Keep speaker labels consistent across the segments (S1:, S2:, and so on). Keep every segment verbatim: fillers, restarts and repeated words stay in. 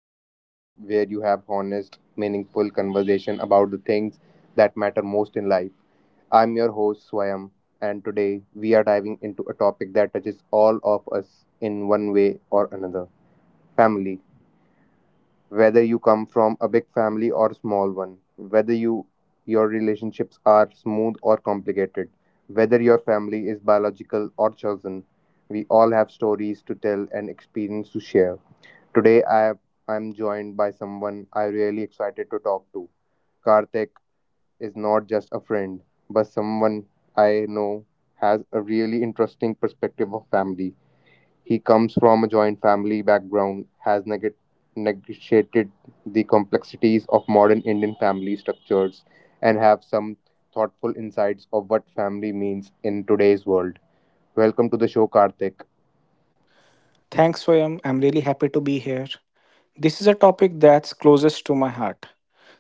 S1: the podcast where you have honest, meaningful conversation about the things that matter most in life. I'm your host, Swayam, and today we are diving into a topic that touches all of us in one way or another family. Whether you come from a big family or small one, whether you your relationships are smooth or complicated, whether your family is biological or chosen, we all have stories to tell and experience to share. Today I I'm joined by someone I'm really excited to talk to. Karthik is not just a friend, but someone I know has a really interesting perspective of family. He comes from a joint family background, has neg- negotiated the complexities of modern Indian family structures, and have some thoughtful insights of what family means in today's world. Welcome to the show, Karthik.
S2: Thanks, Swayam. I'm really happy to be here. This is a topic that's closest to my heart.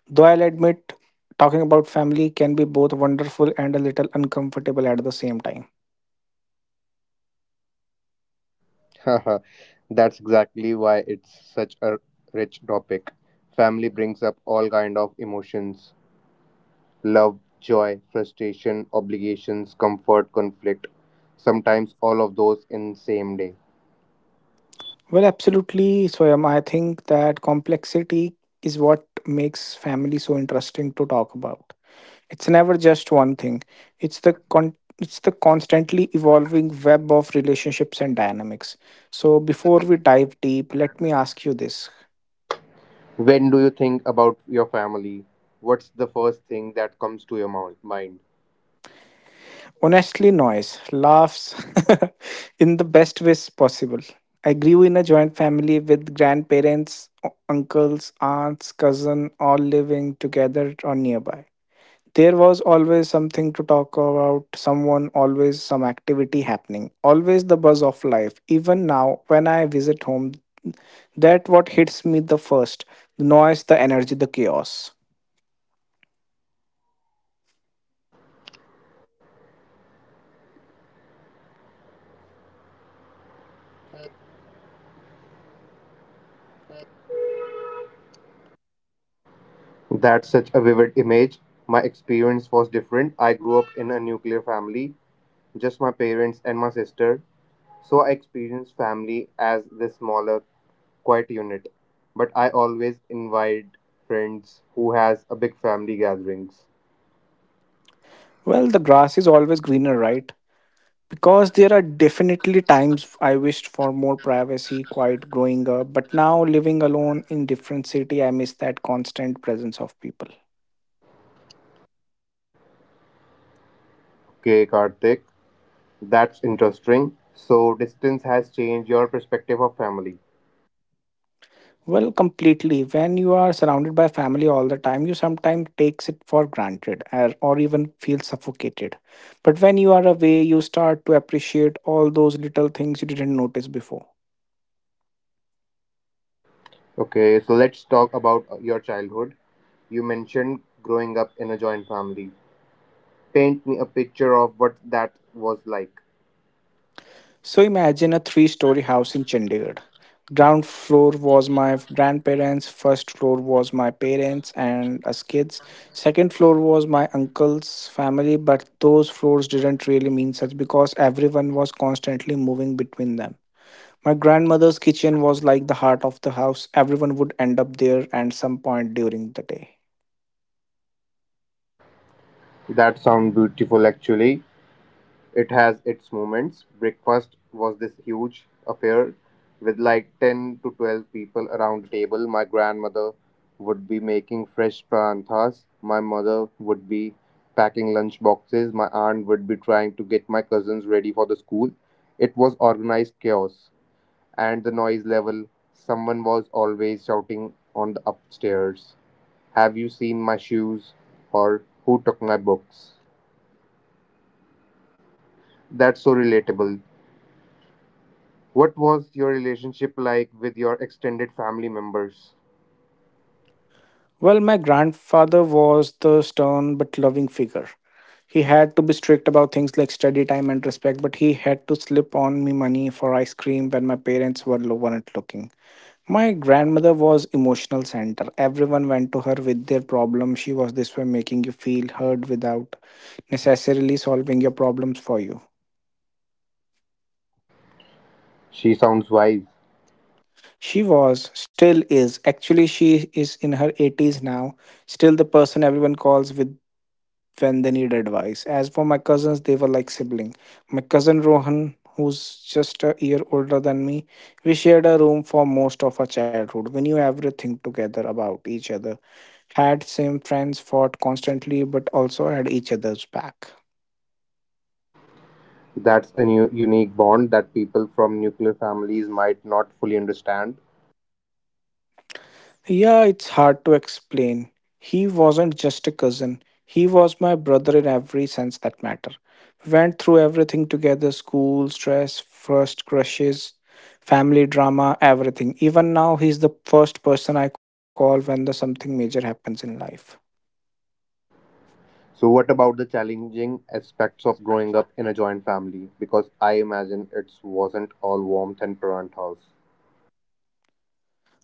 S2: Though I'll admit, talking about family can be both wonderful and a little uncomfortable at the same time.
S1: Haha, That's exactly why it's such a rich topic. Family brings up all kind of emotions: love, joy, frustration, obligations, comfort, conflict. Sometimes all of those in same day.
S2: Well, absolutely, Swayam. I think that complexity is what makes family so interesting to talk about. It's never just one thing. It's the con- it's the constantly evolving web of relationships and dynamics. So before we dive deep, let me ask you this.
S1: When do you think about your family? What's the first thing that comes to your moun- mind?
S2: Honestly, noise, laughs in the best ways possible. I grew in a joint family with grandparents, u- uncles, aunts, cousin, all living together or nearby. There was always something to talk about, someone, always some activity happening, always the buzz of life. Even now, when I visit home, that what hits me the first, the noise, the energy, the chaos.
S3: That's such a vivid image. My experience was different. I grew up in a nuclear family, just my parents and my sister. So I experienced family as this smaller, quiet unit. But I always invite friends who has a big family gatherings.
S2: Well, the grass is always greener, right? Because there are definitely times I wished for more privacy quiet growing up, but now living alone in different city, I miss that constant presence of people.
S3: Okay, Karthik, that's interesting. So distance has changed your perspective of family.
S2: Well, completely. When you are surrounded by family all the time, you sometimes takes it for granted or, or even feel suffocated, but when you are away you start to appreciate all those little things you didn't notice before.
S3: Okay, so let's talk about your childhood. You mentioned growing up in a joint family. Paint me a picture of what that was like.
S2: So imagine a three story house in Chandigarh. Ground floor was my grandparents, first floor was my parents and us kids, second floor was my uncle's family, but those floors didn't really mean such because everyone was constantly moving between them. My grandmother's kitchen was like the heart of the house, everyone would end up there at some point during the day.
S3: That sounds beautiful actually. It has its moments. Breakfast was this huge affair with like ten to twelve people around the table. My grandmother would be making fresh paranthas. My mother would be packing lunch boxes. My aunt would be trying to get my cousins ready for the school. It was organized chaos. And the noise level, someone was always shouting on the upstairs. Have you seen my shoes? Or who took my books? That's so relatable. What was your relationship like with your extended family members?
S2: Well, my grandfather was the stern but loving figure. He had to be strict about things like study time and respect, but he had to slip on me money for ice cream when my parents were lo- weren't looking. My grandmother was emotional center. Everyone went to her with their problem. She was this way making you feel heard without necessarily solving your problems for you.
S3: She sounds wise.
S2: She was, still is. Actually, she is in her eighties now. Still the person everyone calls with when they need advice. As for my cousins, they were like sibling. My cousin Rohan, who's just a year older than me, we shared a room for most of our childhood. We knew everything together about each other. Had same friends, fought constantly, but also had each other's back.
S3: That's a new, unique bond that people from nuclear families might not fully understand.
S2: Yeah, it's hard to explain. He wasn't just a cousin. He was my brother in every sense that matter. We went through everything together, school, stress, first crushes, family drama, everything. Even now, he's the first person I call when the something major happens in life.
S3: So, what about the challenging aspects of growing up in a joint family? Because I imagine it wasn't all warmth and parent house.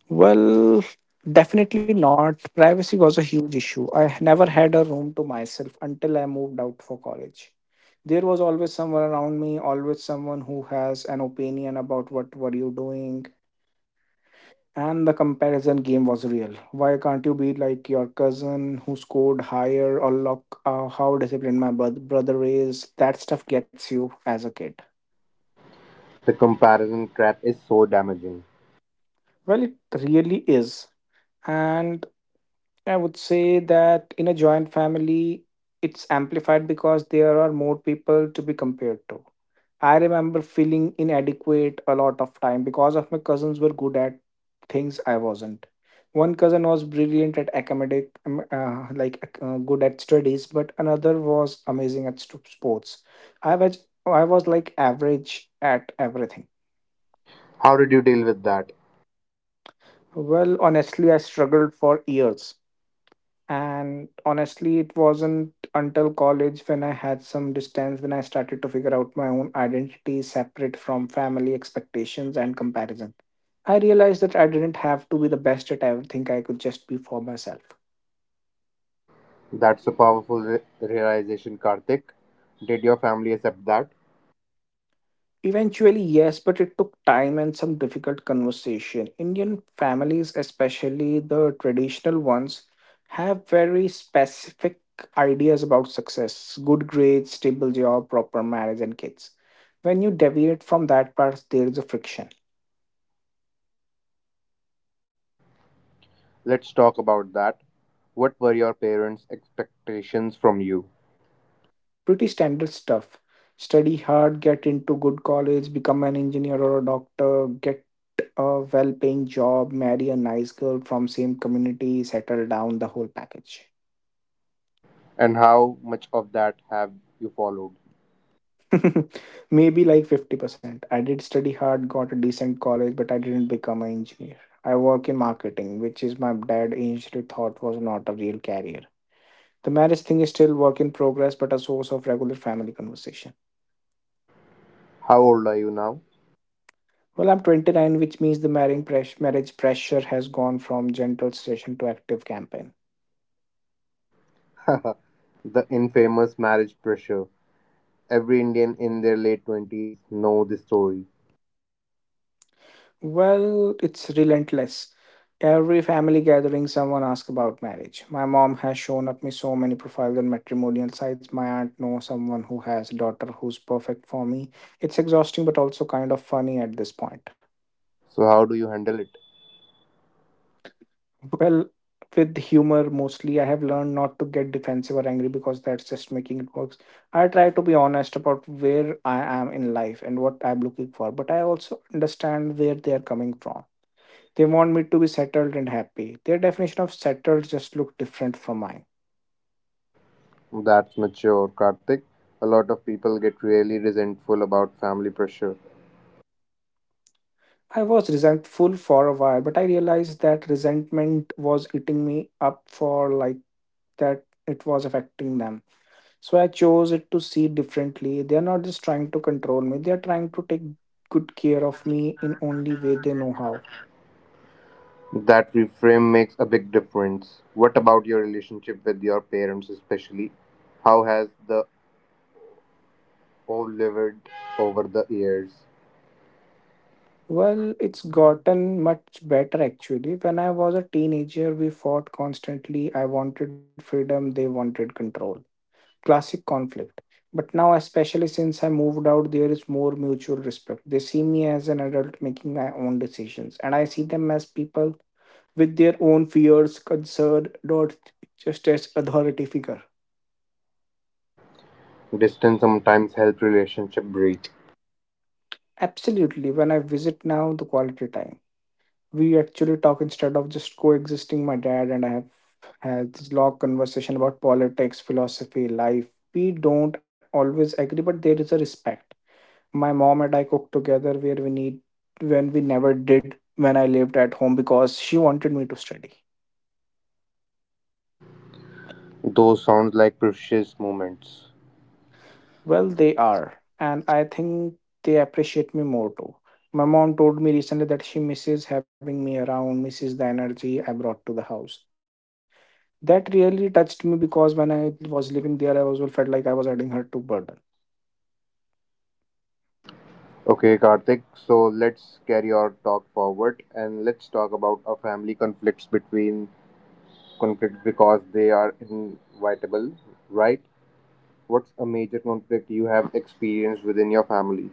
S2: Well, definitely not. Privacy was a huge issue. I never had a room to myself until I moved out for college. There was always someone around me, always someone who has an opinion about what were you doing. And the comparison game was real. Why can't you be like your cousin who scored higher, or look, uh, how disciplined my bro- brother is? That stuff gets you as a kid.
S3: The comparison trap is so damaging.
S2: Well, it really is, and I would say that in a joint family it's amplified because there are more people to be compared to. I remember feeling inadequate a lot of time because of my cousins were good at things I wasn't. One cousin was brilliant at academic, um, uh, like uh, good at studies, but another was amazing at st- sports. I was I was like average at everything.
S3: How did you deal with that?
S2: Well, honestly, I struggled for years. And honestly, it wasn't until college when I had some distance when I started to figure out my own identity separate from family expectations and comparison. I realized that I didn't have to be the best at everything, I could just be for myself.
S3: That's a powerful re- realization, Karthik. Did your family accept that?
S2: Eventually, yes, but it took time and some difficult conversation. Indian families, especially the traditional ones, have very specific ideas about success, good grades, stable job, proper marriage, and kids. When you deviate from that path, there is a friction.
S3: Let's talk about that. What were your parents' expectations from you?
S2: Pretty standard stuff. Study hard, get into good college, become an engineer or a doctor, get a well paying job, marry a nice girl from same community, settle down the whole package.
S3: And how much of that have you followed?
S2: Maybe like fifty percent. I did study hard, got a decent college, but I didn't become an engineer. I work in marketing, which is my dad initially thought was not a real career. The marriage thing is still work in progress, but a source of regular family conversation.
S3: How old are you now?
S2: Well, I'm twenty nine, which means the marrying press- marriage pressure has gone from gentle suggestion to active campaign.
S3: The infamous marriage pressure. Every Indian in their late twenties know this story.
S2: Well, it's relentless. Every family gathering, someone asks about marriage. My mom has shown up me so many profiles on matrimonial sites. My aunt knows someone who has a daughter who's perfect for me. It's exhausting, but also kind of funny at this point.
S3: So how do you handle it?
S2: Well, with humor mostly, I have learned not to get defensive or angry because that's just making it worse. I try to be honest about where I am in life and what I'm looking for, but I also understand where they are coming from. They want me to be settled and happy. Their definition of settled just looked different from mine.
S3: That's mature, Karthik. A lot of people get really resentful about family pressure.
S2: I was resentful for a while, but I realized that resentment was eating me up, for like that it was affecting them. So I chose it to see differently. They are not just trying to control me, they are trying to take good care of me in only way they know how.
S3: That reframe makes a big difference. What about your relationship with your parents, especially? How has the evolved over the years?
S2: Well, it's gotten much better actually. When I was a teenager, we fought constantly. I wanted freedom, they wanted control. Classic conflict. But now, especially since I moved out, there is more mutual respect. They see me as an adult making my own decisions, and I see them as people with their own fears, concern, not just as authority figure.
S3: Distance sometimes helps relationship breathe.
S2: Absolutely. When I visit now, the quality time. We actually talk instead of just coexisting. My dad and I have had this long conversation about politics, philosophy, life. We don't always agree, but there is a respect. My mom and I cook together where we need, when we never did when I lived at home because she wanted me to study.
S3: Those sounds like precious moments.
S2: Well, they are, and I think they appreciate me more too. My mom told me recently that she misses having me around, misses the energy I brought to the house. That really touched me because when I was living there, I also felt like I was adding her to burden.
S3: Okay, Karthik, so let's carry our talk forward and let's talk about our family conflicts between conflicts because they are inevitable, right? What's a major conflict you have experienced within your family?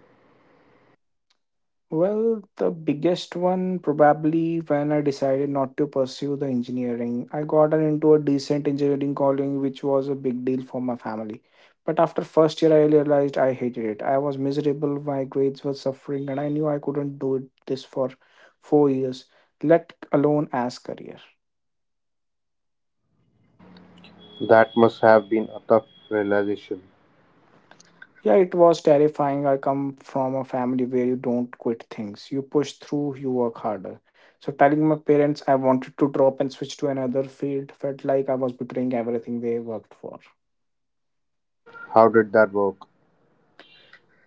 S2: Well, the biggest one probably when I decided not to pursue the engineering. I got into a decent engineering calling, which was a big deal for my family. But after first year, I realized I hated it. I was miserable, my grades were suffering, and I knew I couldn't do it this for four years, let alone as career.
S3: That must have been a tough realization.
S2: Yeah, it was terrifying. I come from a family where you don't quit things. You push through, you work harder. So telling my parents I wanted to drop and switch to another field felt like I was betraying everything they worked for.
S3: How did that work?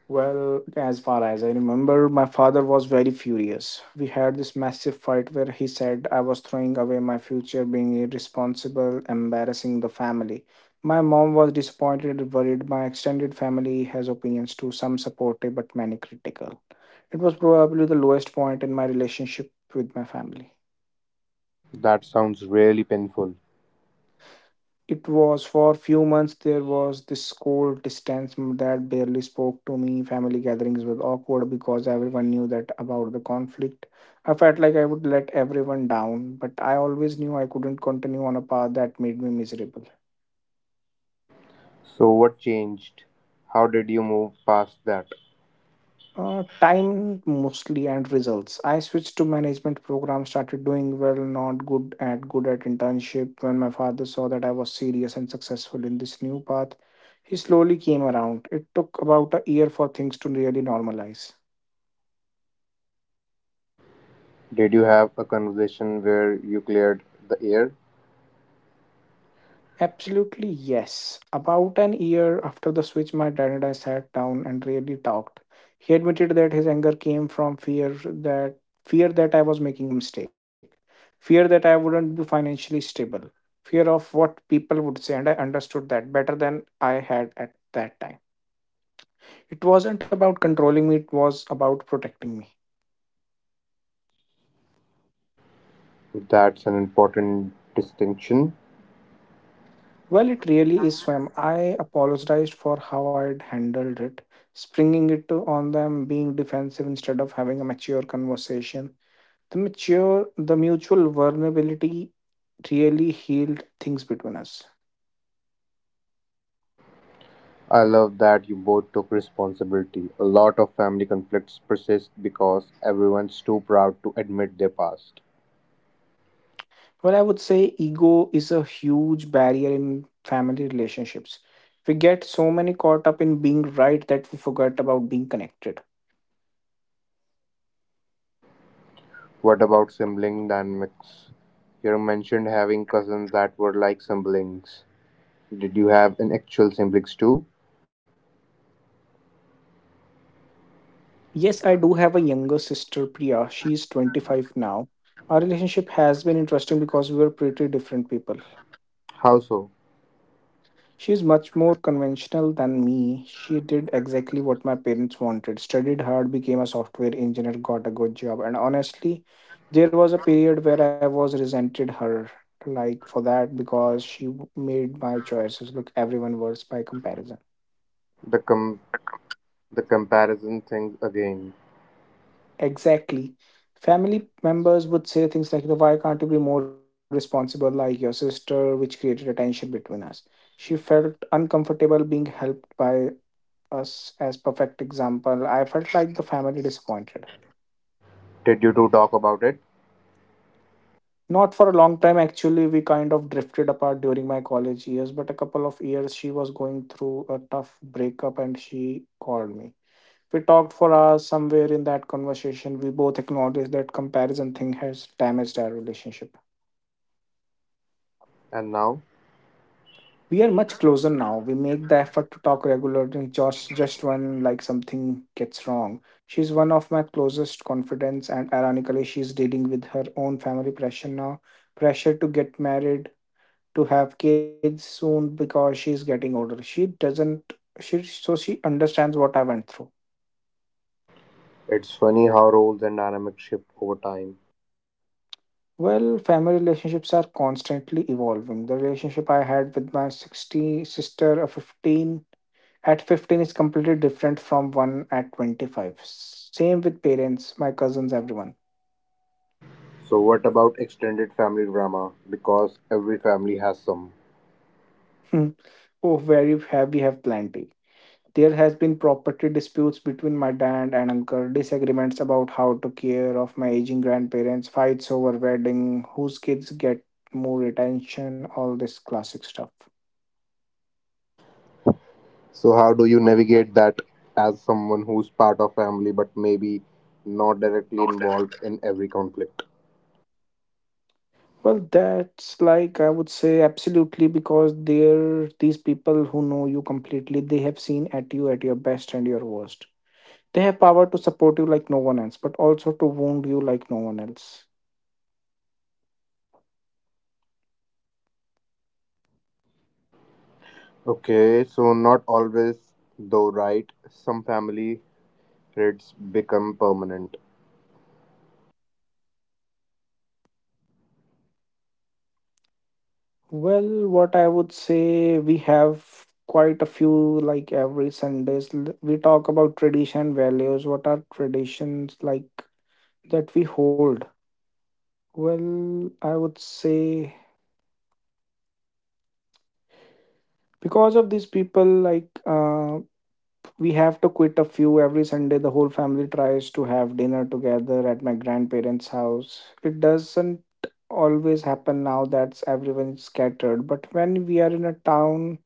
S2: Well, as far as I remember, my father was very furious. We had this massive fight where he said I was throwing away my future, being irresponsible, embarrassing the family. My mom was disappointed and worried. My extended family has opinions too, some supportive but many critical. It was probably the lowest point in my relationship with my family.
S3: That sounds really painful.
S2: It was for few months. There was this cold distance, that barely spoke to me. Family gatherings were awkward because everyone knew that about the conflict. I felt like I would let everyone down, but I always knew I couldn't continue on a path that made me miserable.
S3: So, what changed? How did you move past that?
S2: Uh, time mostly and results. I switched to management program, started doing well, not good at good at internship. When my father saw that I was serious and successful in this new path, he slowly came around. It took about a year for things to really normalize.
S3: Did you have a conversation where you cleared the air?
S2: Absolutely, yes. About an year after the switch, my dad and I sat down and really talked. He admitted that his anger came from fear, that fear that I was making a mistake, fear that I wouldn't be financially stable, fear of what people would say, and I understood that better than I had at that time. It wasn't about controlling me, it was about protecting me.
S3: That's an important distinction.
S2: Well, it really is, Swam. I apologized for how I'd handled it, springing it to- on them, being defensive instead of having a mature conversation. The mature, the mutual vulnerability really healed things between us.
S3: I love that you both took responsibility. A lot of family conflicts persist because everyone's too proud to admit their past.
S2: Well, I would say ego is a huge barrier in family relationships. We get so many caught up in being right that we forget about being connected.
S3: What about sibling dynamics? You mentioned having cousins that were like siblings. Did you have an actual siblings too?
S2: Yes, I do have a younger sister, Priya. She is twenty-five now. Our relationship has been interesting because we were pretty different people.
S3: How so?
S2: She is much more conventional than me. She did exactly what my parents wanted, studied hard, became a software engineer, got a good job. And honestly, there was a period where I was resented her like for that because she w- made my choices look everyone worse by comparison.
S3: The com the comparison thing again.
S2: Exactly. Family members would say things like, "Why can't you be more responsible like your sister," which created a tension between us. She felt uncomfortable being helped by us as perfect example. I felt like the family disappointed.
S3: Did you two talk about it?
S2: Not for a long time, actually, we kind of drifted apart during my college years, but a couple of years she was going through a tough breakup and she called me. We talked for hours somewhere in that conversation. We both acknowledged that comparison thing has damaged our relationship.
S3: And now
S2: We are much closer now. We make the effort to talk regularly, just just when like something gets wrong. She's one of my closest confidants, and ironically, she's dealing with her own family pressure now, pressure to get married, to have kids soon because she's getting older. She doesn't she so She understands what I went through.
S3: it's funny how roles and dynamics shift over time.
S2: Well, family relationships are constantly evolving. The relationship I had with my sixty sister, a fifteen at fifteen is completely different from one at twenty-five, same with parents, my cousins, everyone.
S3: So what about extended family drama? Because every family has some.
S2: Hmm. Oh, very have we have plenty. There has been property disputes between my dad and uncle, disagreements about how to care of my aging grandparents, fights over wedding, whose kids get more attention, all this classic stuff.
S3: So how do you navigate that as someone who's part of family but maybe not directly
S2: Not that.
S3: involved in every conflict?
S2: Well, that's like I would say absolutely, because they're these people who know you completely. They have seen at you at your best and your worst. They have power to support you like no one else, but also to wound you like no one else.
S3: Okay, so not always though, right? Some family traits become permanent.
S2: Well, what I would say, we have quite a few, like every Sundays. l- We talk about tradition values. What are traditions like that we hold? Well, I would say because of these people, like uh, we have to quit a few. Every Sunday, the whole family tries to have dinner together at my grandparents house. It doesn't always happen now that's everyone's scattered, but when we are in a town,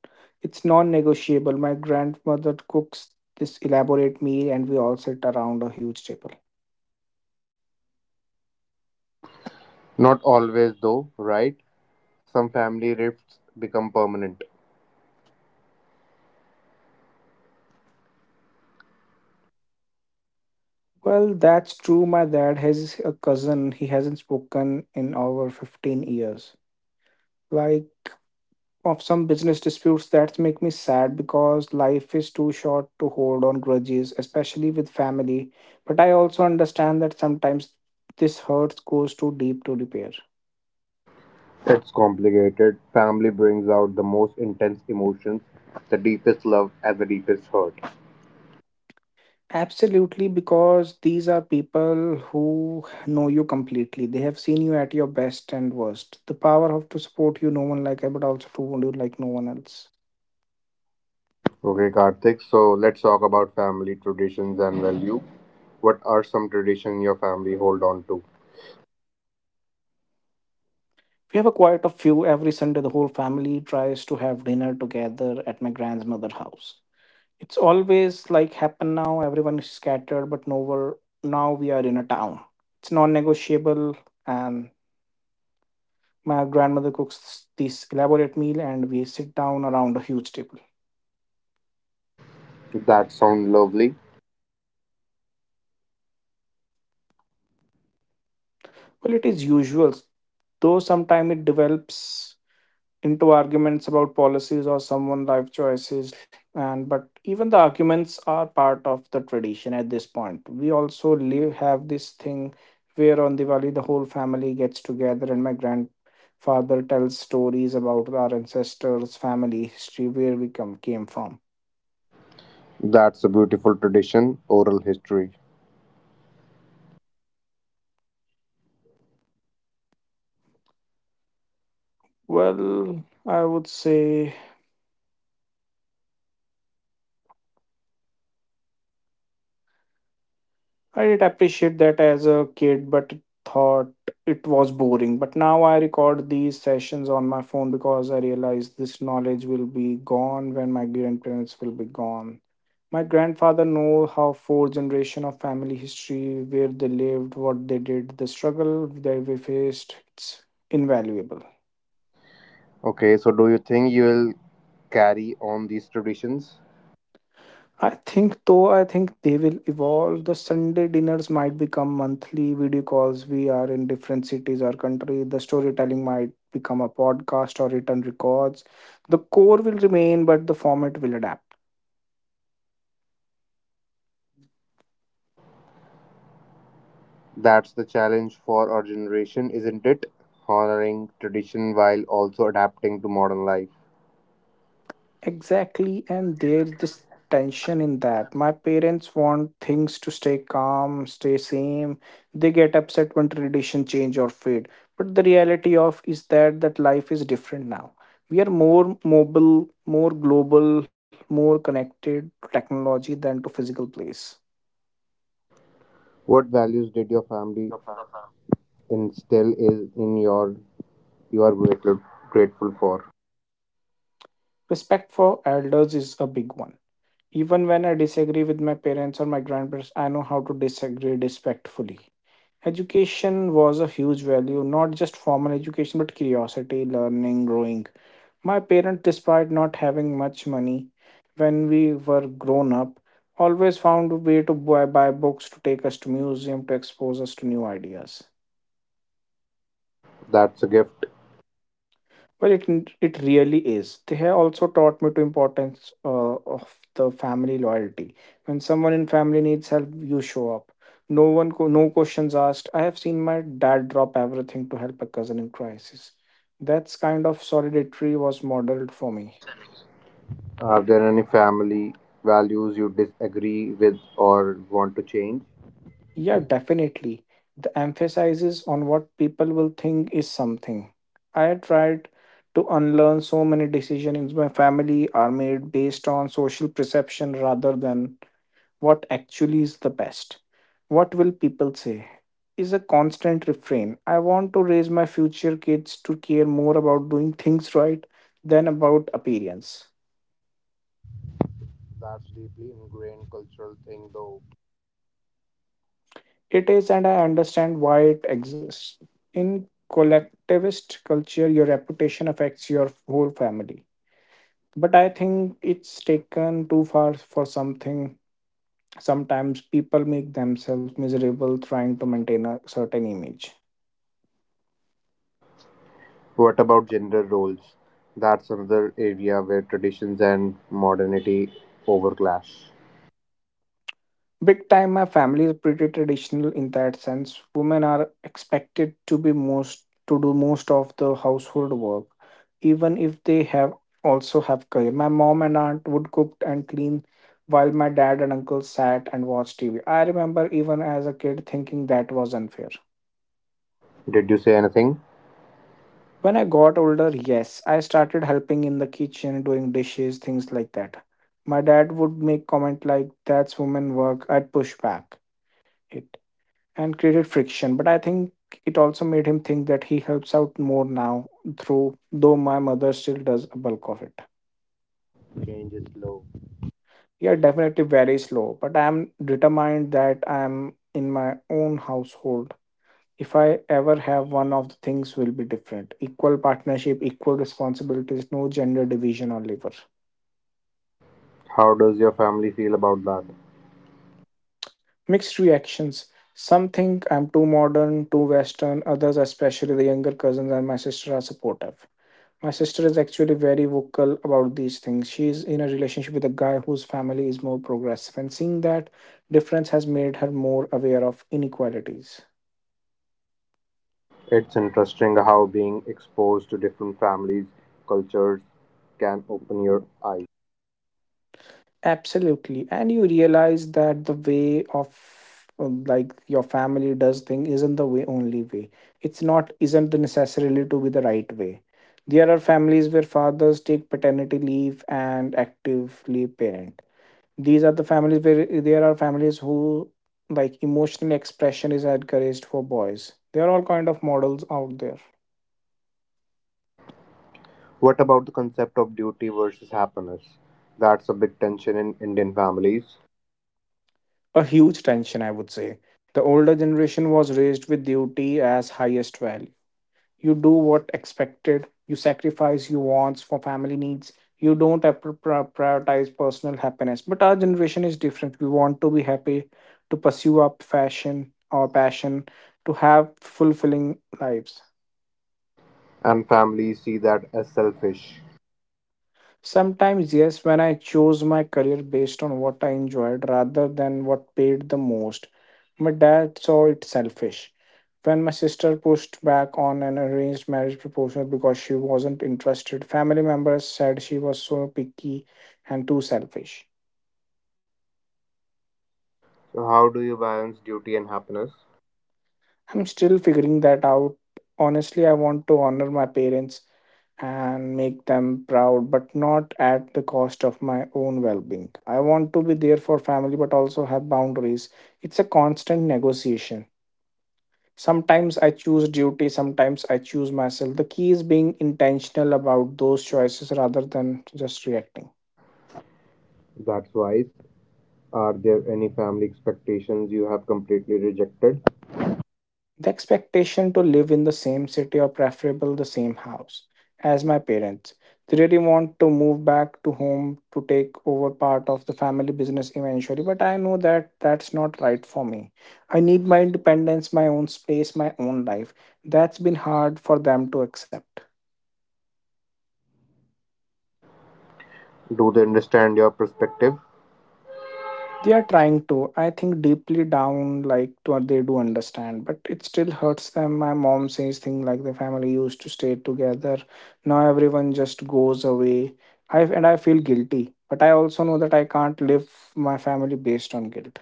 S2: it's non-negotiable. My grandmother cooks this elaborate meal and we all sit around a huge table.
S3: Not always, though, right? Some family rifts become permanent.
S2: Well, that's true. My dad has a cousin he hasn't spoken in over fifteen years, like, of some business disputes that make me sad because life is too short to hold on grudges, especially with family. But I also understand that sometimes this hurt goes too deep to repair.
S3: It's complicated. Family brings out the most intense emotions, the deepest love, and the deepest hurt.
S2: Absolutely, because these are people who know you completely. They have seen you at your best and worst. The power of to support you, no one like I, but also to wound you like no one else.
S3: Okay, Karthik, so let's talk about family traditions and value. What are some traditions your family hold on to?
S2: We have a quite a few. Every Sunday, the whole family tries to have dinner together at my grandmother's house. It's always like happen now, everyone is scattered, but no, we're, now we are in a town. It's non negotiable, and my grandmother cooks this elaborate meal, and we sit down around a huge table.
S3: That sound lovely.
S2: Well, it is usual, though sometimes it develops into arguments about policies or someone life choices, and but even the arguments are part of the tradition at this point. We also live have this thing where on Diwali, the whole family gets together and my grandfather tells stories about our ancestors, family history, where we come came from.
S3: That's a beautiful tradition, oral history.
S2: Well, I would say I did appreciate that as a kid, but thought it was boring. But now I record these sessions on my phone because I realize this knowledge will be gone when my grandparents will be gone. My grandfather know how four generation of family history, where they lived, what they did, the struggle they we faced. It's invaluable.
S3: Okay, so do you think you will carry on these traditions?
S2: I think though I think they will evolve. The Sunday dinners might become monthly video calls. We are in different cities or country. The storytelling might become a podcast or written records. The core will remain, but the format will adapt.
S3: That's the challenge for our generation, isn't it? Honoring tradition while also adapting to modern life.
S2: Exactly, and there's this tension in that. My parents want things to stay calm, stay same. They get upset when tradition change or fade. But the reality of is that that life is different now. We are more mobile, more global, more connected to technology than to physical place.
S3: What values did your family instill is in your you are grateful grateful for?
S2: Respect for elders is a big one. Even when I disagree with my parents or my grandparents, I know how to disagree respectfully. Education was a huge value, not just formal education, but curiosity, learning, growing. My parents, despite not having much money when we were grown up, always found a way to buy, buy books, to take us to museum, to expose us to new ideas.
S3: That's a gift.
S2: Well, it it really is. They have also taught me to importance uh, of the family loyalty. When someone in family needs help, you show up. No one, co- no questions asked. I have seen my dad drop everything to help a cousin in crisis. That's kind of solidarity was modeled for me.
S3: Are there any family values you disagree with or want to change?
S2: Yeah, definitely. The emphasizes on what people will think is something I tried to unlearn. So many decisions in my family are made based on social perception rather than what actually is the best. "What will people say?" Is a constant refrain. I want to raise my future kids to care more about doing things right than about appearance.
S3: That's deeply ingrained cultural thing though.
S2: It is, and I understand why it exists. In collectivist culture, your reputation affects your whole family. But I think it's taken too far for something. Sometimes people make themselves miserable trying to maintain a certain image.
S3: What about gender roles? That's another area where traditions and modernity overclash.
S2: Big time, my family is pretty traditional in that sense. Women are expected to be most to do most of the household work, even if they have also have career. My mom and aunt would cook and clean while my dad and uncle sat and watched T V. I remember even as a kid thinking that was unfair.
S3: Did you say anything?
S2: When I got older, yes, I started helping in the kitchen, doing dishes, things like that. My dad would make comment like that's woman work. I'd push back and created friction. But I think it also made him think that he helps out more now, through, though my mother still does a bulk of it.
S3: Change is slow.
S2: Yeah, definitely very slow, but I am determined that I am in my own household. If I ever have one of the things will be different. Equal partnership, equal responsibilities, no gender division or labor.
S3: How does your family feel about that?
S2: Mixed reactions. Some think I'm too modern, too western, others, especially the younger cousins and my sister, are supportive. My sister is actually very vocal about these things. She is in a relationship with a guy whose family is more progressive, and seeing that difference has made her more aware of inequalities.
S3: It's interesting how being exposed to different families, cultures can open your eyes.
S2: Absolutely. And you realize that the way of uh, like your family does thing isn't the way only way. It's not Isn't the necessarily to be the right way. There are families where fathers take paternity leave and actively parent. These are the families where there are families who like emotional expression is encouraged for boys. There are all kind of models out there.
S3: What about the concept of duty versus happiness? That's a big tension in Indian families,
S2: A huge tension, I would say. The older generation was raised with duty as highest value. You do what expected, you sacrifice your wants for family needs, you don't ap- pri- prioritize personal happiness. But our generation is different. We want to be happy, to pursue our passion our passion, to have fulfilling lives.
S3: and families see that as selfish.
S2: Sometimes, yes, when I chose my career based on what I enjoyed rather than what paid the most, my dad saw it selfish. When my sister pushed back on an arranged marriage proposal because she wasn't interested, family members said she was so picky and too selfish.
S3: So, how do you balance duty and happiness?
S2: I'm still figuring that out. Honestly, I want to honor my parents and make them proud, but not at the cost of my own well being. I want to be there for family, but also have boundaries. It's a constant negotiation. Sometimes I choose duty, sometimes I choose myself. The key is being intentional about those choices rather than just reacting.
S3: That's wise. Are there any family expectations you have completely rejected?
S2: The expectation to live in the same city or preferable the same house as my parents. They really want to move back to home to take over part of the family business eventually, but I know that that's not right for me. I need my independence, my own space, my own life. That's been hard for them to accept.
S3: Do they understand your perspective?
S2: They are trying to. I think deeply down, like to, they do understand, but it still hurts them. My mom says things like the family used to stay together. Now everyone just goes away. I and I feel guilty, but I also know that I can't live my family based on guilt.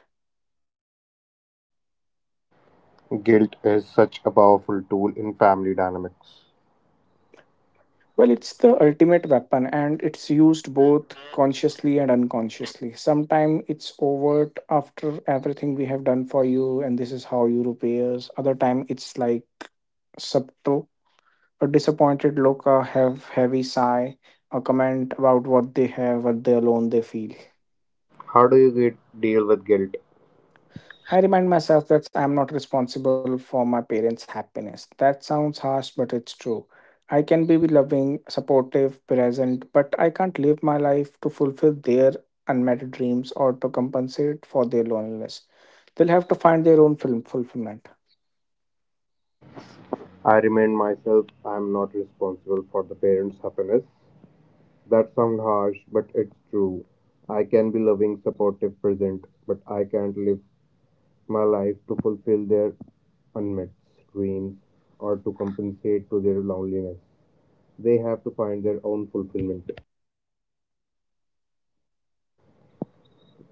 S3: Guilt is such a powerful tool in family dynamics.
S2: Well, it's the ultimate weapon, and it's used both consciously and unconsciously. Sometimes it's overt after everything we have done for you, and this is how you repay us. Other time it's like subtle. A disappointed look, a hev- heavy sigh, a comment about what they have, what they alone they feel.
S3: How do you get, deal with guilt?
S2: I remind myself that I'm not responsible for my parents' happiness. That sounds harsh, but it's true. I can be loving, supportive, present, but I can't live my life to fulfill their unmet dreams or to compensate for their loneliness. They'll have to find their own film fulfillment.
S3: I remind myself I am not responsible for the parents' happiness. That sounds harsh, but it's true. I can be loving, supportive, present, but I can't live my life to fulfill their unmet dreams or to compensate to their loneliness. They have to find their own fulfillment.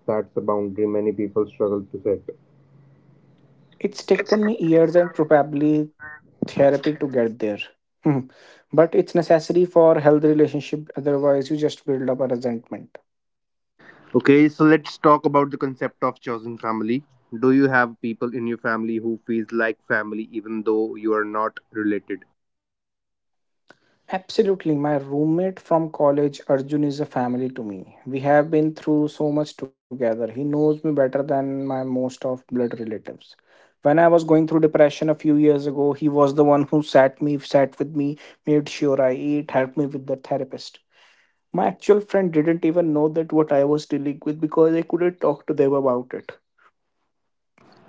S3: That's a boundary many people struggle to set.
S2: It's taken me years and probably therapy to get there. Hmm. But it's necessary for healthy relationship, otherwise you just build up a resentment.
S3: Okay, so let's talk about the concept of chosen family. Do you have people in your family who feels like family even though you are not related?
S2: Absolutely, my roommate from college Arjun is a family to me. We have been through so much together. He knows me better than my most of blood relatives. When I was going through depression a few years ago, he was the one who sat me sat with me, made sure I eat, helped me with the therapist. My actual friend didn't even know that what I was dealing with because I couldn't talk to them about it.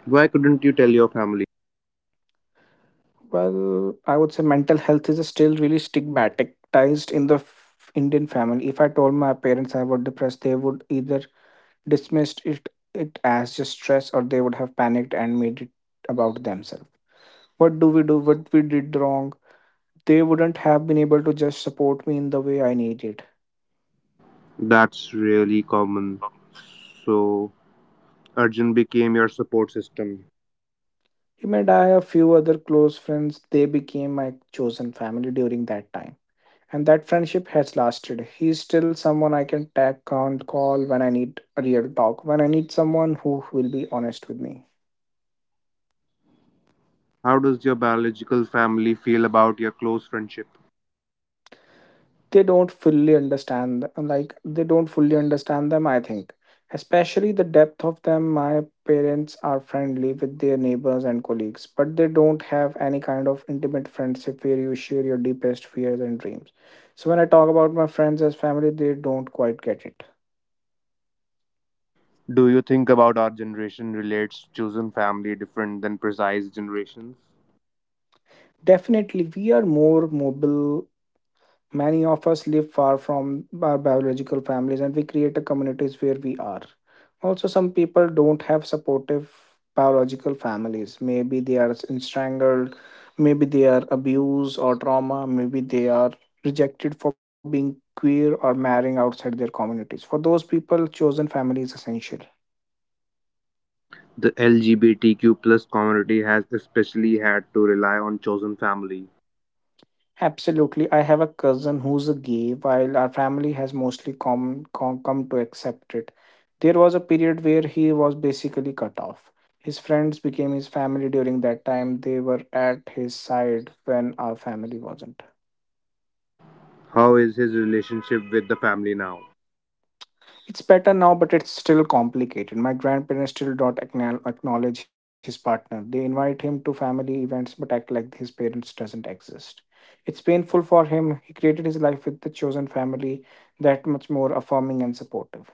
S3: Why couldn't you tell your family?
S2: Well, I would say mental health is still really stigmatized in the f- Indian family. If I told my parents I was depressed, they would either dismissed it it as just stress, or they would have panicked and made it about themselves. What do we do? What we did wrong? They wouldn't have been able to just support me in the way I needed.
S3: That's really common. So, Arjun became your support system.
S2: Him and I, a few other close friends, they became my chosen family during that time, and that friendship has lasted. He's still someone I can tag on call when I need a real talk, when I need someone who will be honest with me.
S3: How does your biological family feel about your close friendship?
S2: They don't fully understand, like they don't fully understand them I think especially the depth of them. My parents are friendly with their neighbors and colleagues, but they don't have any kind of intimate friendship where you share your deepest fears and dreams. So when I talk about my friends as family, they don't quite get it.
S3: Do you think about our generation relates chosen family different than precise generations?
S2: Definitely we are more mobile. Many of us live far from our biological families, and we create a communities where we are. Also, some people don't have supportive biological families. Maybe they are strangled, maybe they are abused or trauma, maybe they are rejected for being queer or marrying outside their communities. For those people, chosen family is essential.
S3: The L G B T Q plus community has especially had to rely on chosen family.
S2: Absolutely. I have a cousin who's a gay, while our family has mostly come, come, come to accept it. There was a period where he was basically cut off. His friends became his family during that time. They were at his side when our family wasn't.
S3: How is his relationship with the family now?
S2: It's better now, but it's still complicated. My grandparents still don't acknowl- acknowledge his partner. They invite him to family events but act like his parents doesn't exist. It's painful for him. He created his life with the chosen family that much more affirming and supportive.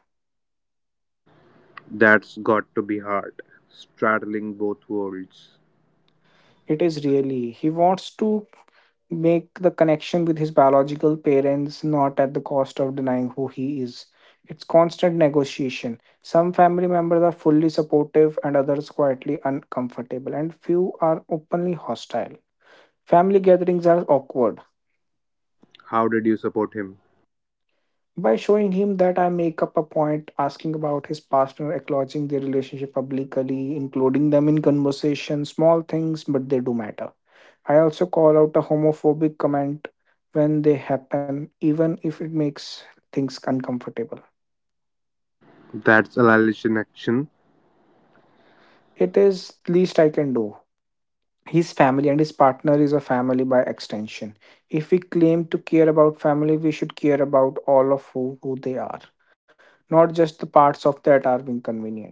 S3: That's got to be hard. Straddling both worlds.
S2: It is really. He wants to make the connection with his biological parents not at the cost of denying who he is. It's constant negotiation. Some family members are fully supportive and others quietly uncomfortable, and few are openly hostile. Family gatherings are awkward.
S3: How did you support him?
S2: By showing him that I make up a point asking about his past and acknowledging their relationship publicly, including them in conversation, small things, but they do matter. I also call out a homophobic comment when they happen, even if it makes things uncomfortable.
S3: That's Alalish in action.
S2: It is least I can do. His family and his partner is a family by extension. If we claim to care about family, we should care about all of who, who they are, not just the parts of that are inconvenient.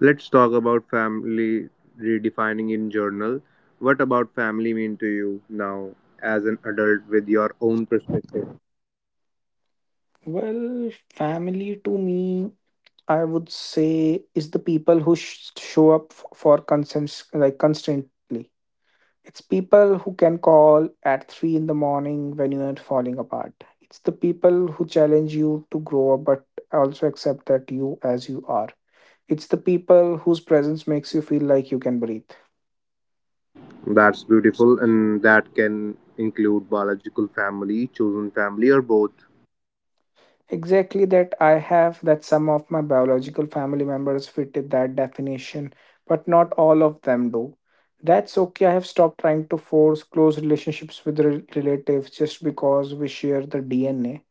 S3: Let's talk about family redefining in journal. What about family mean to you now as an adult with your own perspective?
S2: Well, family to me, I would say, is the people who sh- show up f- for consents, like constantly. It's people who can call at three in the morning when you are falling apart. It's the people who challenge you to grow up but also accept that you as you are. It's the people whose presence makes you feel like you can breathe.
S3: That's beautiful and that can include biological family, chosen family or both.
S2: Exactly that I have that some of my biological family members fit that definition, but not all of them do. That's okay. I have stopped trying to force close relationships with rel- relatives just because we share the D N A.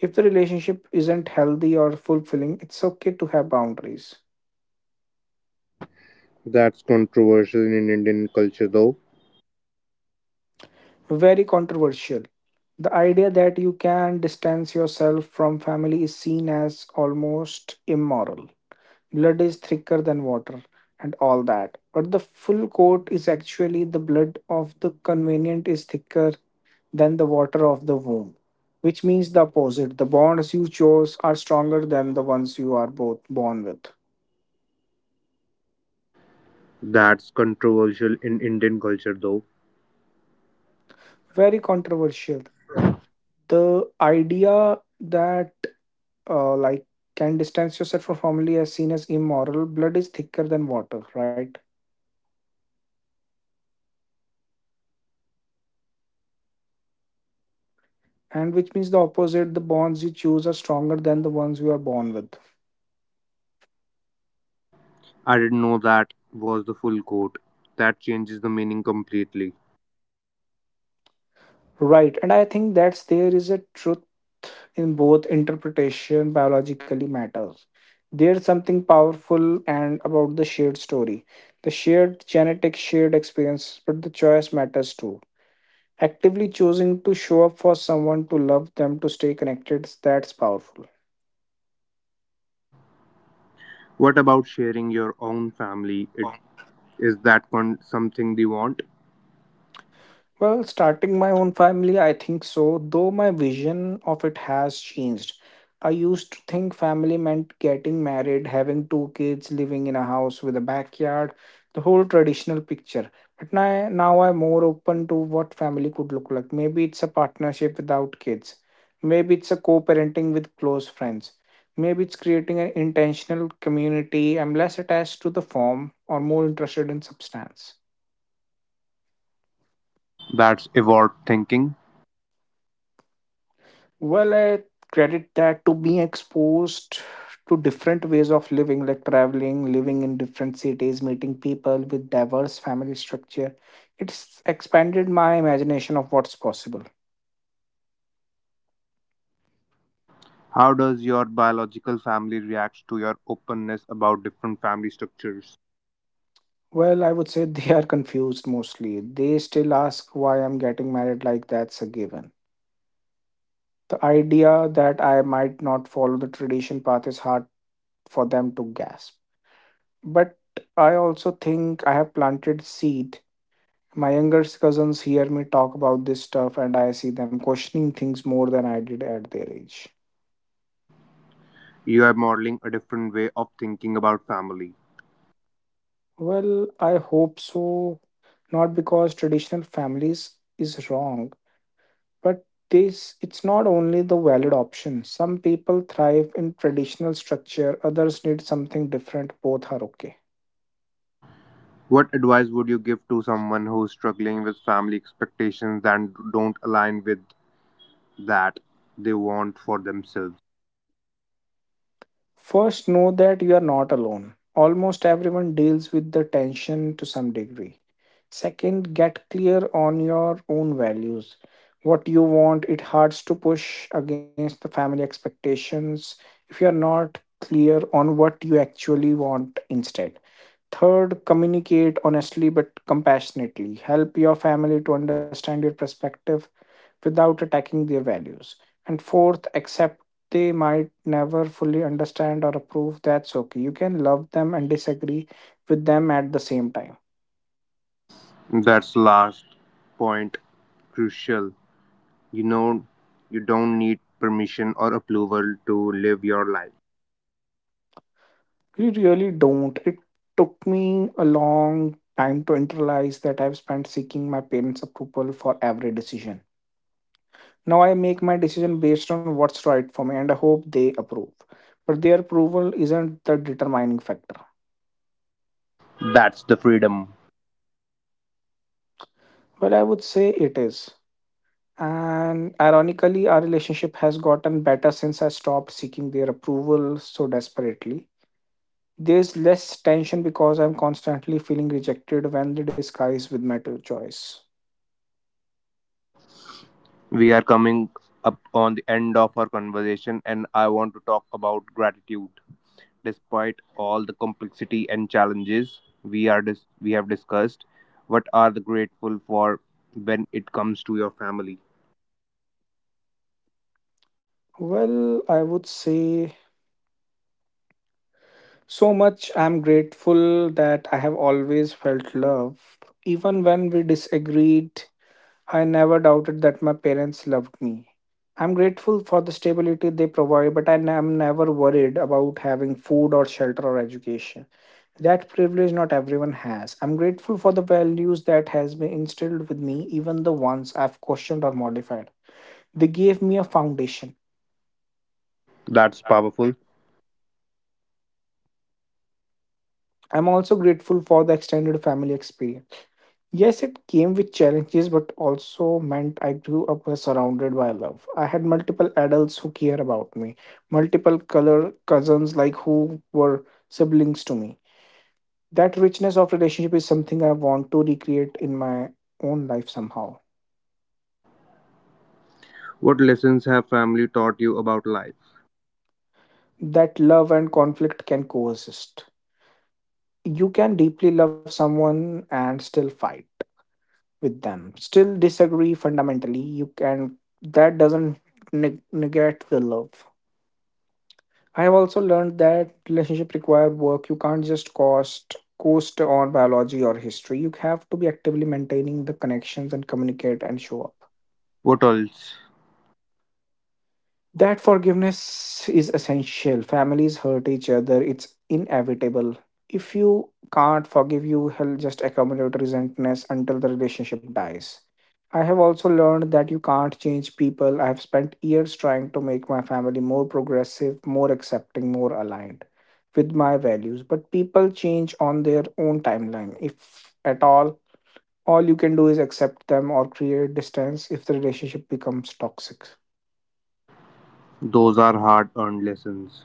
S2: If the relationship isn't healthy or fulfilling, it's okay to have boundaries.
S3: That's controversial in Indian culture though.
S2: Very controversial. The idea that you can distance yourself from family is seen as almost immoral. Blood is thicker than water and all that. But the full quote is actually the blood of the convenient is thicker than the water of the womb, which means the opposite. The bonds you chose are stronger than the ones you are both born with.
S3: That's controversial in Indian culture though.
S2: Very controversial, the idea that uh, like can distance yourself from family as seen as immoral. Blood is thicker than water, right? And which means the opposite. The bonds you choose are stronger than the ones you are born with.
S3: I didn't know that was the full quote. That changes the meaning completely.
S2: Right, and I think that's there is a truth in both interpretation. Biologically matters, there's something powerful and about the shared story, the shared genetic shared experience, but the choice matters too. Actively choosing to show up for someone, to love them, to stay connected, that's powerful.
S3: What about sharing your own family? It, is that con- something they want?
S2: Well, starting my own family, I think so, though my vision of it has changed. I used to think family meant getting married, having two kids, living in a house with a backyard, the whole traditional picture. But now, now I'm more open to what family could look like. Maybe it's a partnership without kids. Maybe it's a co parenting with close friends. Maybe it's creating an intentional community. I'm less attached to the form or more interested in substance.
S3: That's evolved thinking.
S2: Well, I credit that to being exposed to different ways of living, like traveling, living in different cities, meeting people with diverse family structure. It's expanded my imagination of what's possible.
S3: How does your biological family react to your openness about different family structures?
S2: Well, I would say they are confused mostly. They still ask why I'm getting married, like that's a given. The idea that I might not follow the tradition path is hard for them to grasp. But I also think I have planted seed. My younger cousins hear me talk about this stuff, and I see them questioning things more than I did at their age.
S3: You are modeling a different way of thinking about family.
S2: Well, I hope so. Not because traditional families is wrong, but this it's not only the valid option. Some people thrive in traditional structure, others need something different. Both are okay.
S3: What advice would you give to someone who's struggling with family expectations that don't align with that they want for themselves?
S2: First, know that you are not alone. Almost everyone deals with the tension to some degree. Second, get clear on your own values. What you want, it hurts to push against the family expectations if you are not clear on what you actually want instead. Third, communicate honestly but compassionately. Help your family to understand your perspective without attacking their values. And fourth, accept they might never fully understand or approve. That's okay. You can love them and disagree with them at the same time.
S3: That's last point crucial. You know, you don't need permission or approval to live your life.
S2: You really don't. It took me a long time to internalize that I've spent seeking my parents' approval for every decision. Now I make my decision based on what's right for me, and I hope they approve. But their approval isn't the determining factor.
S3: That's the freedom.
S2: Well, I would say it is. And ironically, our relationship has gotten better since I stopped seeking their approval so desperately. There's less tension because I'm constantly feeling rejected when they disguise with my to- choice.
S3: We are coming up on the end of our conversation, and I want to talk about gratitude. Despite all the complexity and challenges we are dis- we have discussed, what are the grateful for when it comes to your family?
S2: Well, I would say so much. I'm grateful that I have always felt love. Even when we disagreed, I never doubted that my parents loved me. I'm grateful for the stability they provide, but I am never worried about having food or shelter or education. That privilege not everyone has. I'm grateful for the values that has been instilled with me, even the ones I've questioned or modified. They gave me a foundation.
S3: That's powerful.
S2: I'm also grateful for the extended family experience. Yes, it came with challenges, but also meant I grew up uh, surrounded by love. I had multiple adults who care about me, multiple color cousins like who were siblings to me. That richness of relationship is something I want to recreate in my own life somehow.
S3: What lessons have family taught you about life?
S2: That love and conflict can coexist. You can deeply love someone and still fight with them, still disagree fundamentally. You can that doesn't neg- negate the love. I have also learned that relationship require work. You can't just cost coast on biology or history. You have to be actively maintaining the connections and communicate and show up.
S3: What else?
S2: That forgiveness is essential. Families hurt each other, it's inevitable. If you can't forgive, you will just accumulate resentment until the relationship dies. I have also learned that you can't change people. I have spent years trying to make my family more progressive, more accepting, more aligned with my values. But people change on their own timeline, if at all. All you can do is accept them or create distance if the relationship becomes toxic.
S3: Those are hard earned lessons.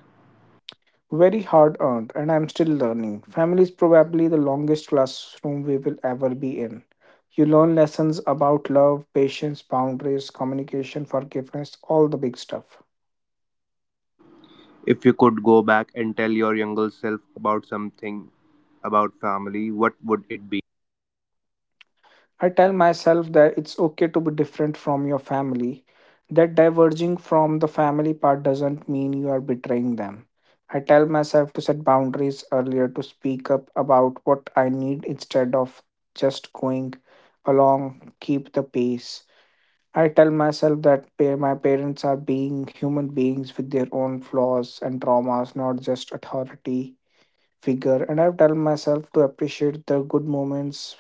S2: Very hard earned, and I'm still learning. Family is probably the longest classroom we will ever be in. You learn lessons about love, patience, boundaries, communication, forgiveness, all the big stuff.
S3: If you could go back and tell your younger self about something about family, what would it be?
S2: I tell myself that it's okay to be different from your family. That diverging from the family part doesn't mean you are betraying them. I tell myself to set boundaries earlier, to speak up about what I need instead of just going along, keep the pace. I tell myself that pa- my parents are being human beings with their own flaws and traumas, not just authority figure. And I tell myself to appreciate the good moments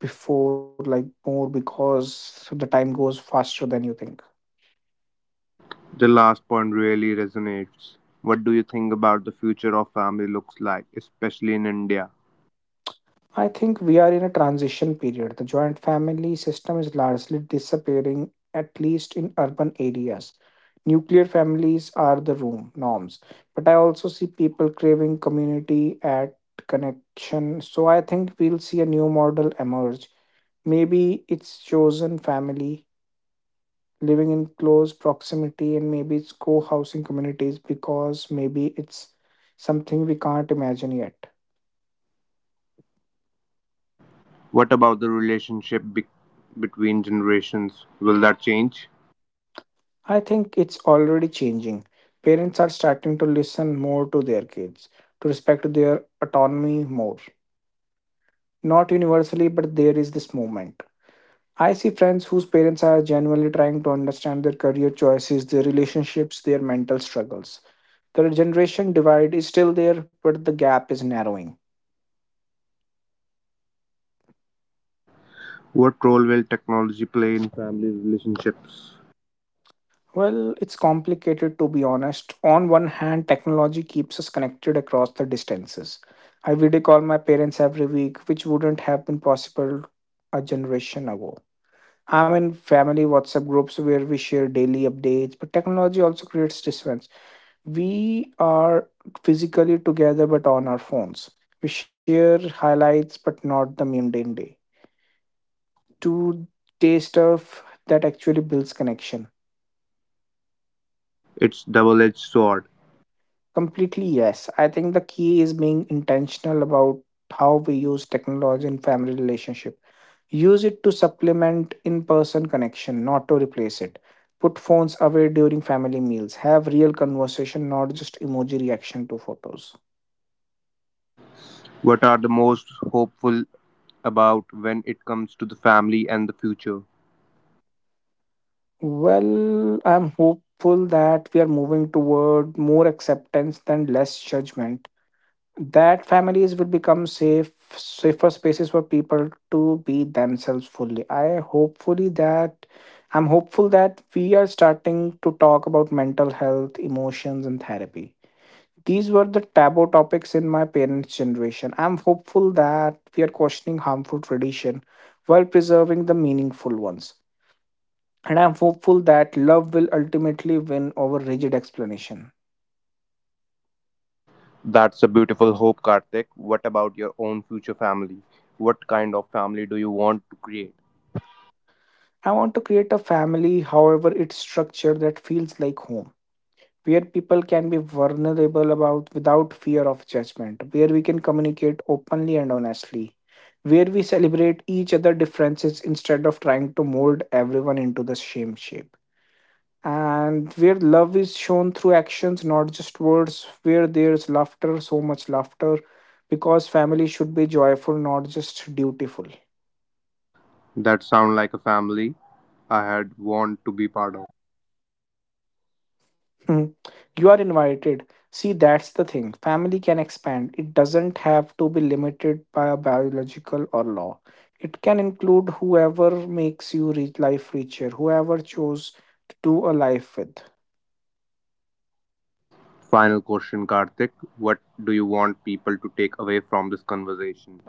S2: before, like more, because the time goes faster than you think.
S3: The last point really resonates. What do you think about the future of family looks like, especially in India?
S2: I think we are in a transition period. The joint family system is largely disappearing, at least in urban areas. Nuclear families are the room norms, but I also see people craving community at connection. So I think we'll see a new model emerge. Maybe it's chosen family living in close proximity, and maybe it's co housing communities because maybe it's something we can't imagine yet.
S3: What about the relationship be- between generations? Will that change?
S2: I think it's already changing. Parents are starting to listen more to their kids, to respect their autonomy more. Not universally, but there is this movement. I see friends whose parents are genuinely trying to understand their career choices, their relationships, their mental struggles. The generation divide is still there, but the gap is narrowing.
S3: What role will technology play in family relationships?
S2: Well, it's complicated to be honest. On one hand, technology keeps us connected across the distances. I video call my parents every week, which wouldn't have been possible a generation ago. I'm in family WhatsApp groups where we share daily updates, but technology also creates distance. We are physically together but on our phones. We share highlights but not the mundane day. To taste of that actually builds connection.
S3: It's double-edged sword.
S2: Completely, yes. I think the key is being intentional about how we use technology in family relationship. Use it to supplement in-person connection, not to replace it. Put phones away during family meals. Have real conversation, not just emoji reaction to photos.
S3: What are the most hopeful about when it comes to the family and the future?
S2: Well, I'm hopeful that we are moving toward more acceptance than less judgment. That families will become safe safer spaces for people to be themselves fully. I hopefully that I'm hopeful that we are starting to talk about mental health, emotions and therapy. These were the taboo topics in my parents generation. I'm hopeful that we are questioning harmful tradition while preserving the meaningful ones, and I'm hopeful that love will ultimately win over rigid explanation.
S3: That's a beautiful hope, Karthik. What about your own future family? What kind of family do you want to create?
S2: I want to create a family, however it's structure, that feels like home, where people can be vulnerable about without fear of judgment, where we can communicate openly and honestly, where we celebrate each other differences instead of trying to mold everyone into the same shape. And where love is shown through actions, not just words, where there's laughter, so much laughter, because family should be joyful, not just dutiful.
S3: That sound like a family I had want to be part of.
S2: Mm, you are invited. See, that's the thing. Family can expand. It doesn't have to be limited by a biological or law. It can include whoever makes you re- life richer, whoever chose to do a life with.
S3: Final question, Karthik. What do you want people to take away from this conversation?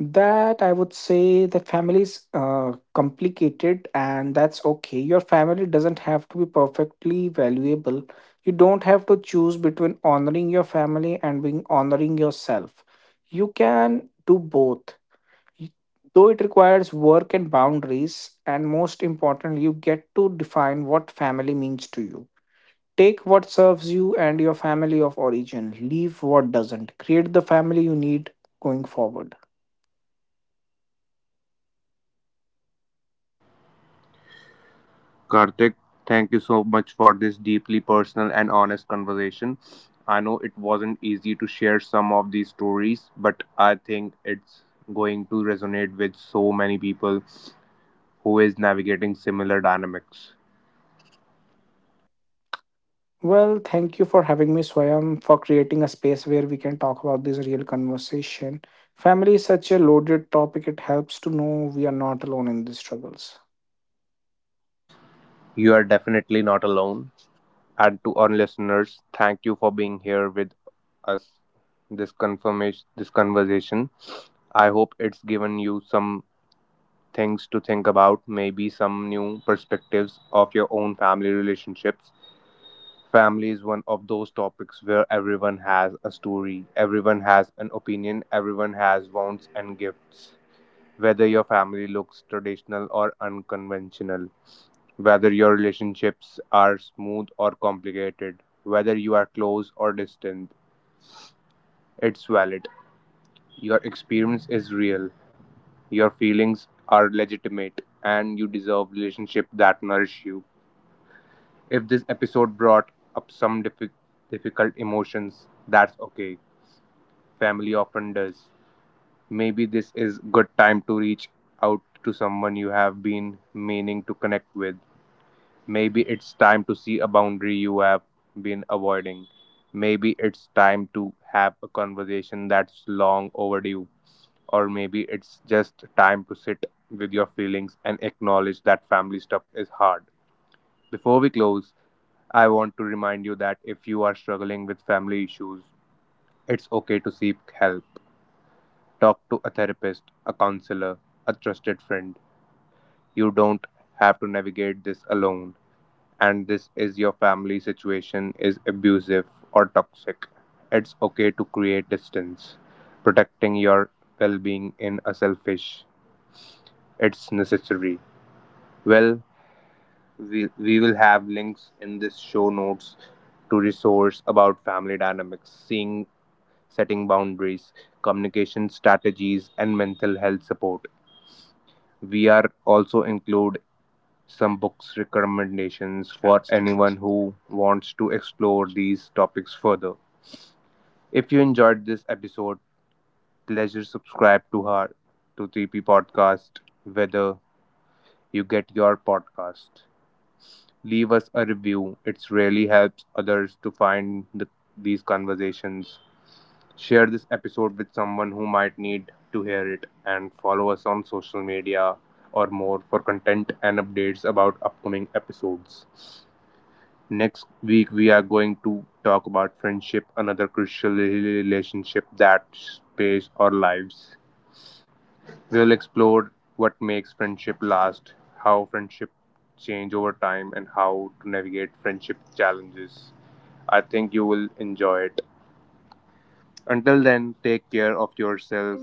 S2: That I would say that families uh, complicated and that's okay. Your family doesn't have to be perfectly valuable. You don't have to choose between honoring your family and being honoring yourself. You can do both. Though it requires work and boundaries, and most importantly, you get to define what family means to you. Take what serves you and your family of origin, leave what doesn't. Create the family you need going forward.
S3: Karthik, thank you so much for this deeply personal and honest conversation. I know it wasn't easy to share some of these stories, but I think it's going to resonate with so many people who is navigating similar dynamics.
S2: Well, thank you for having me, Swayam, for creating a space where we can talk about this real conversation. Family is such a loaded topic, it helps to know we are not alone in these struggles.
S3: You are definitely not alone. And to our listeners, thank you for being here with us this confirmation this conversation. I hope it's given you some things to think about, maybe some new perspectives of your own family relationships. Family is one of those topics where everyone has a story, everyone has an opinion, everyone has wants and gifts whether your family looks traditional or unconventional, whether your relationships are smooth or complicated, whether you are close or distant. It's valid. Your experience is real, your feelings are legitimate, and you deserve relationships that nourish you. If this episode brought up some diffi- difficult emotions, that's okay. Family often does. Maybe this is good time to reach out to someone you have been meaning to connect with. Maybe it's time to see a boundary you have been avoiding. Maybe it's time to have a conversation that's long overdue. Or maybe it's just time to sit with your feelings and acknowledge that family stuff is hard. Before we close, I want to remind you that if you are struggling with family issues, it's okay to seek help. Talk to a therapist, a counselor, a trusted friend. You don't have to navigate this alone. And this is your family situation is abusive or toxic, it's okay to create distance. Protecting your well being in a selfish, it's necessary. Well, we, we will have links in this show notes to resource about family dynamics, seeing setting boundaries, communication strategies, and mental health support. We are also include some books recommendations for anyone who wants to explore these topics further. If you enjoyed this episode, pleasure subscribe to her to three P Podcast, whether you get your podcast. Leave us a review. It really helps others to find the, these conversations. Share this episode with someone who might need to hear it and follow us on social media or more for content and updates about upcoming episodes. Next week, we are going to talk about friendship, another crucial relationship that space our lives. We'll explore what makes friendship last, how friendship change over time, and how to navigate friendship challenges. I think you will enjoy it. Until then, take care of yourself.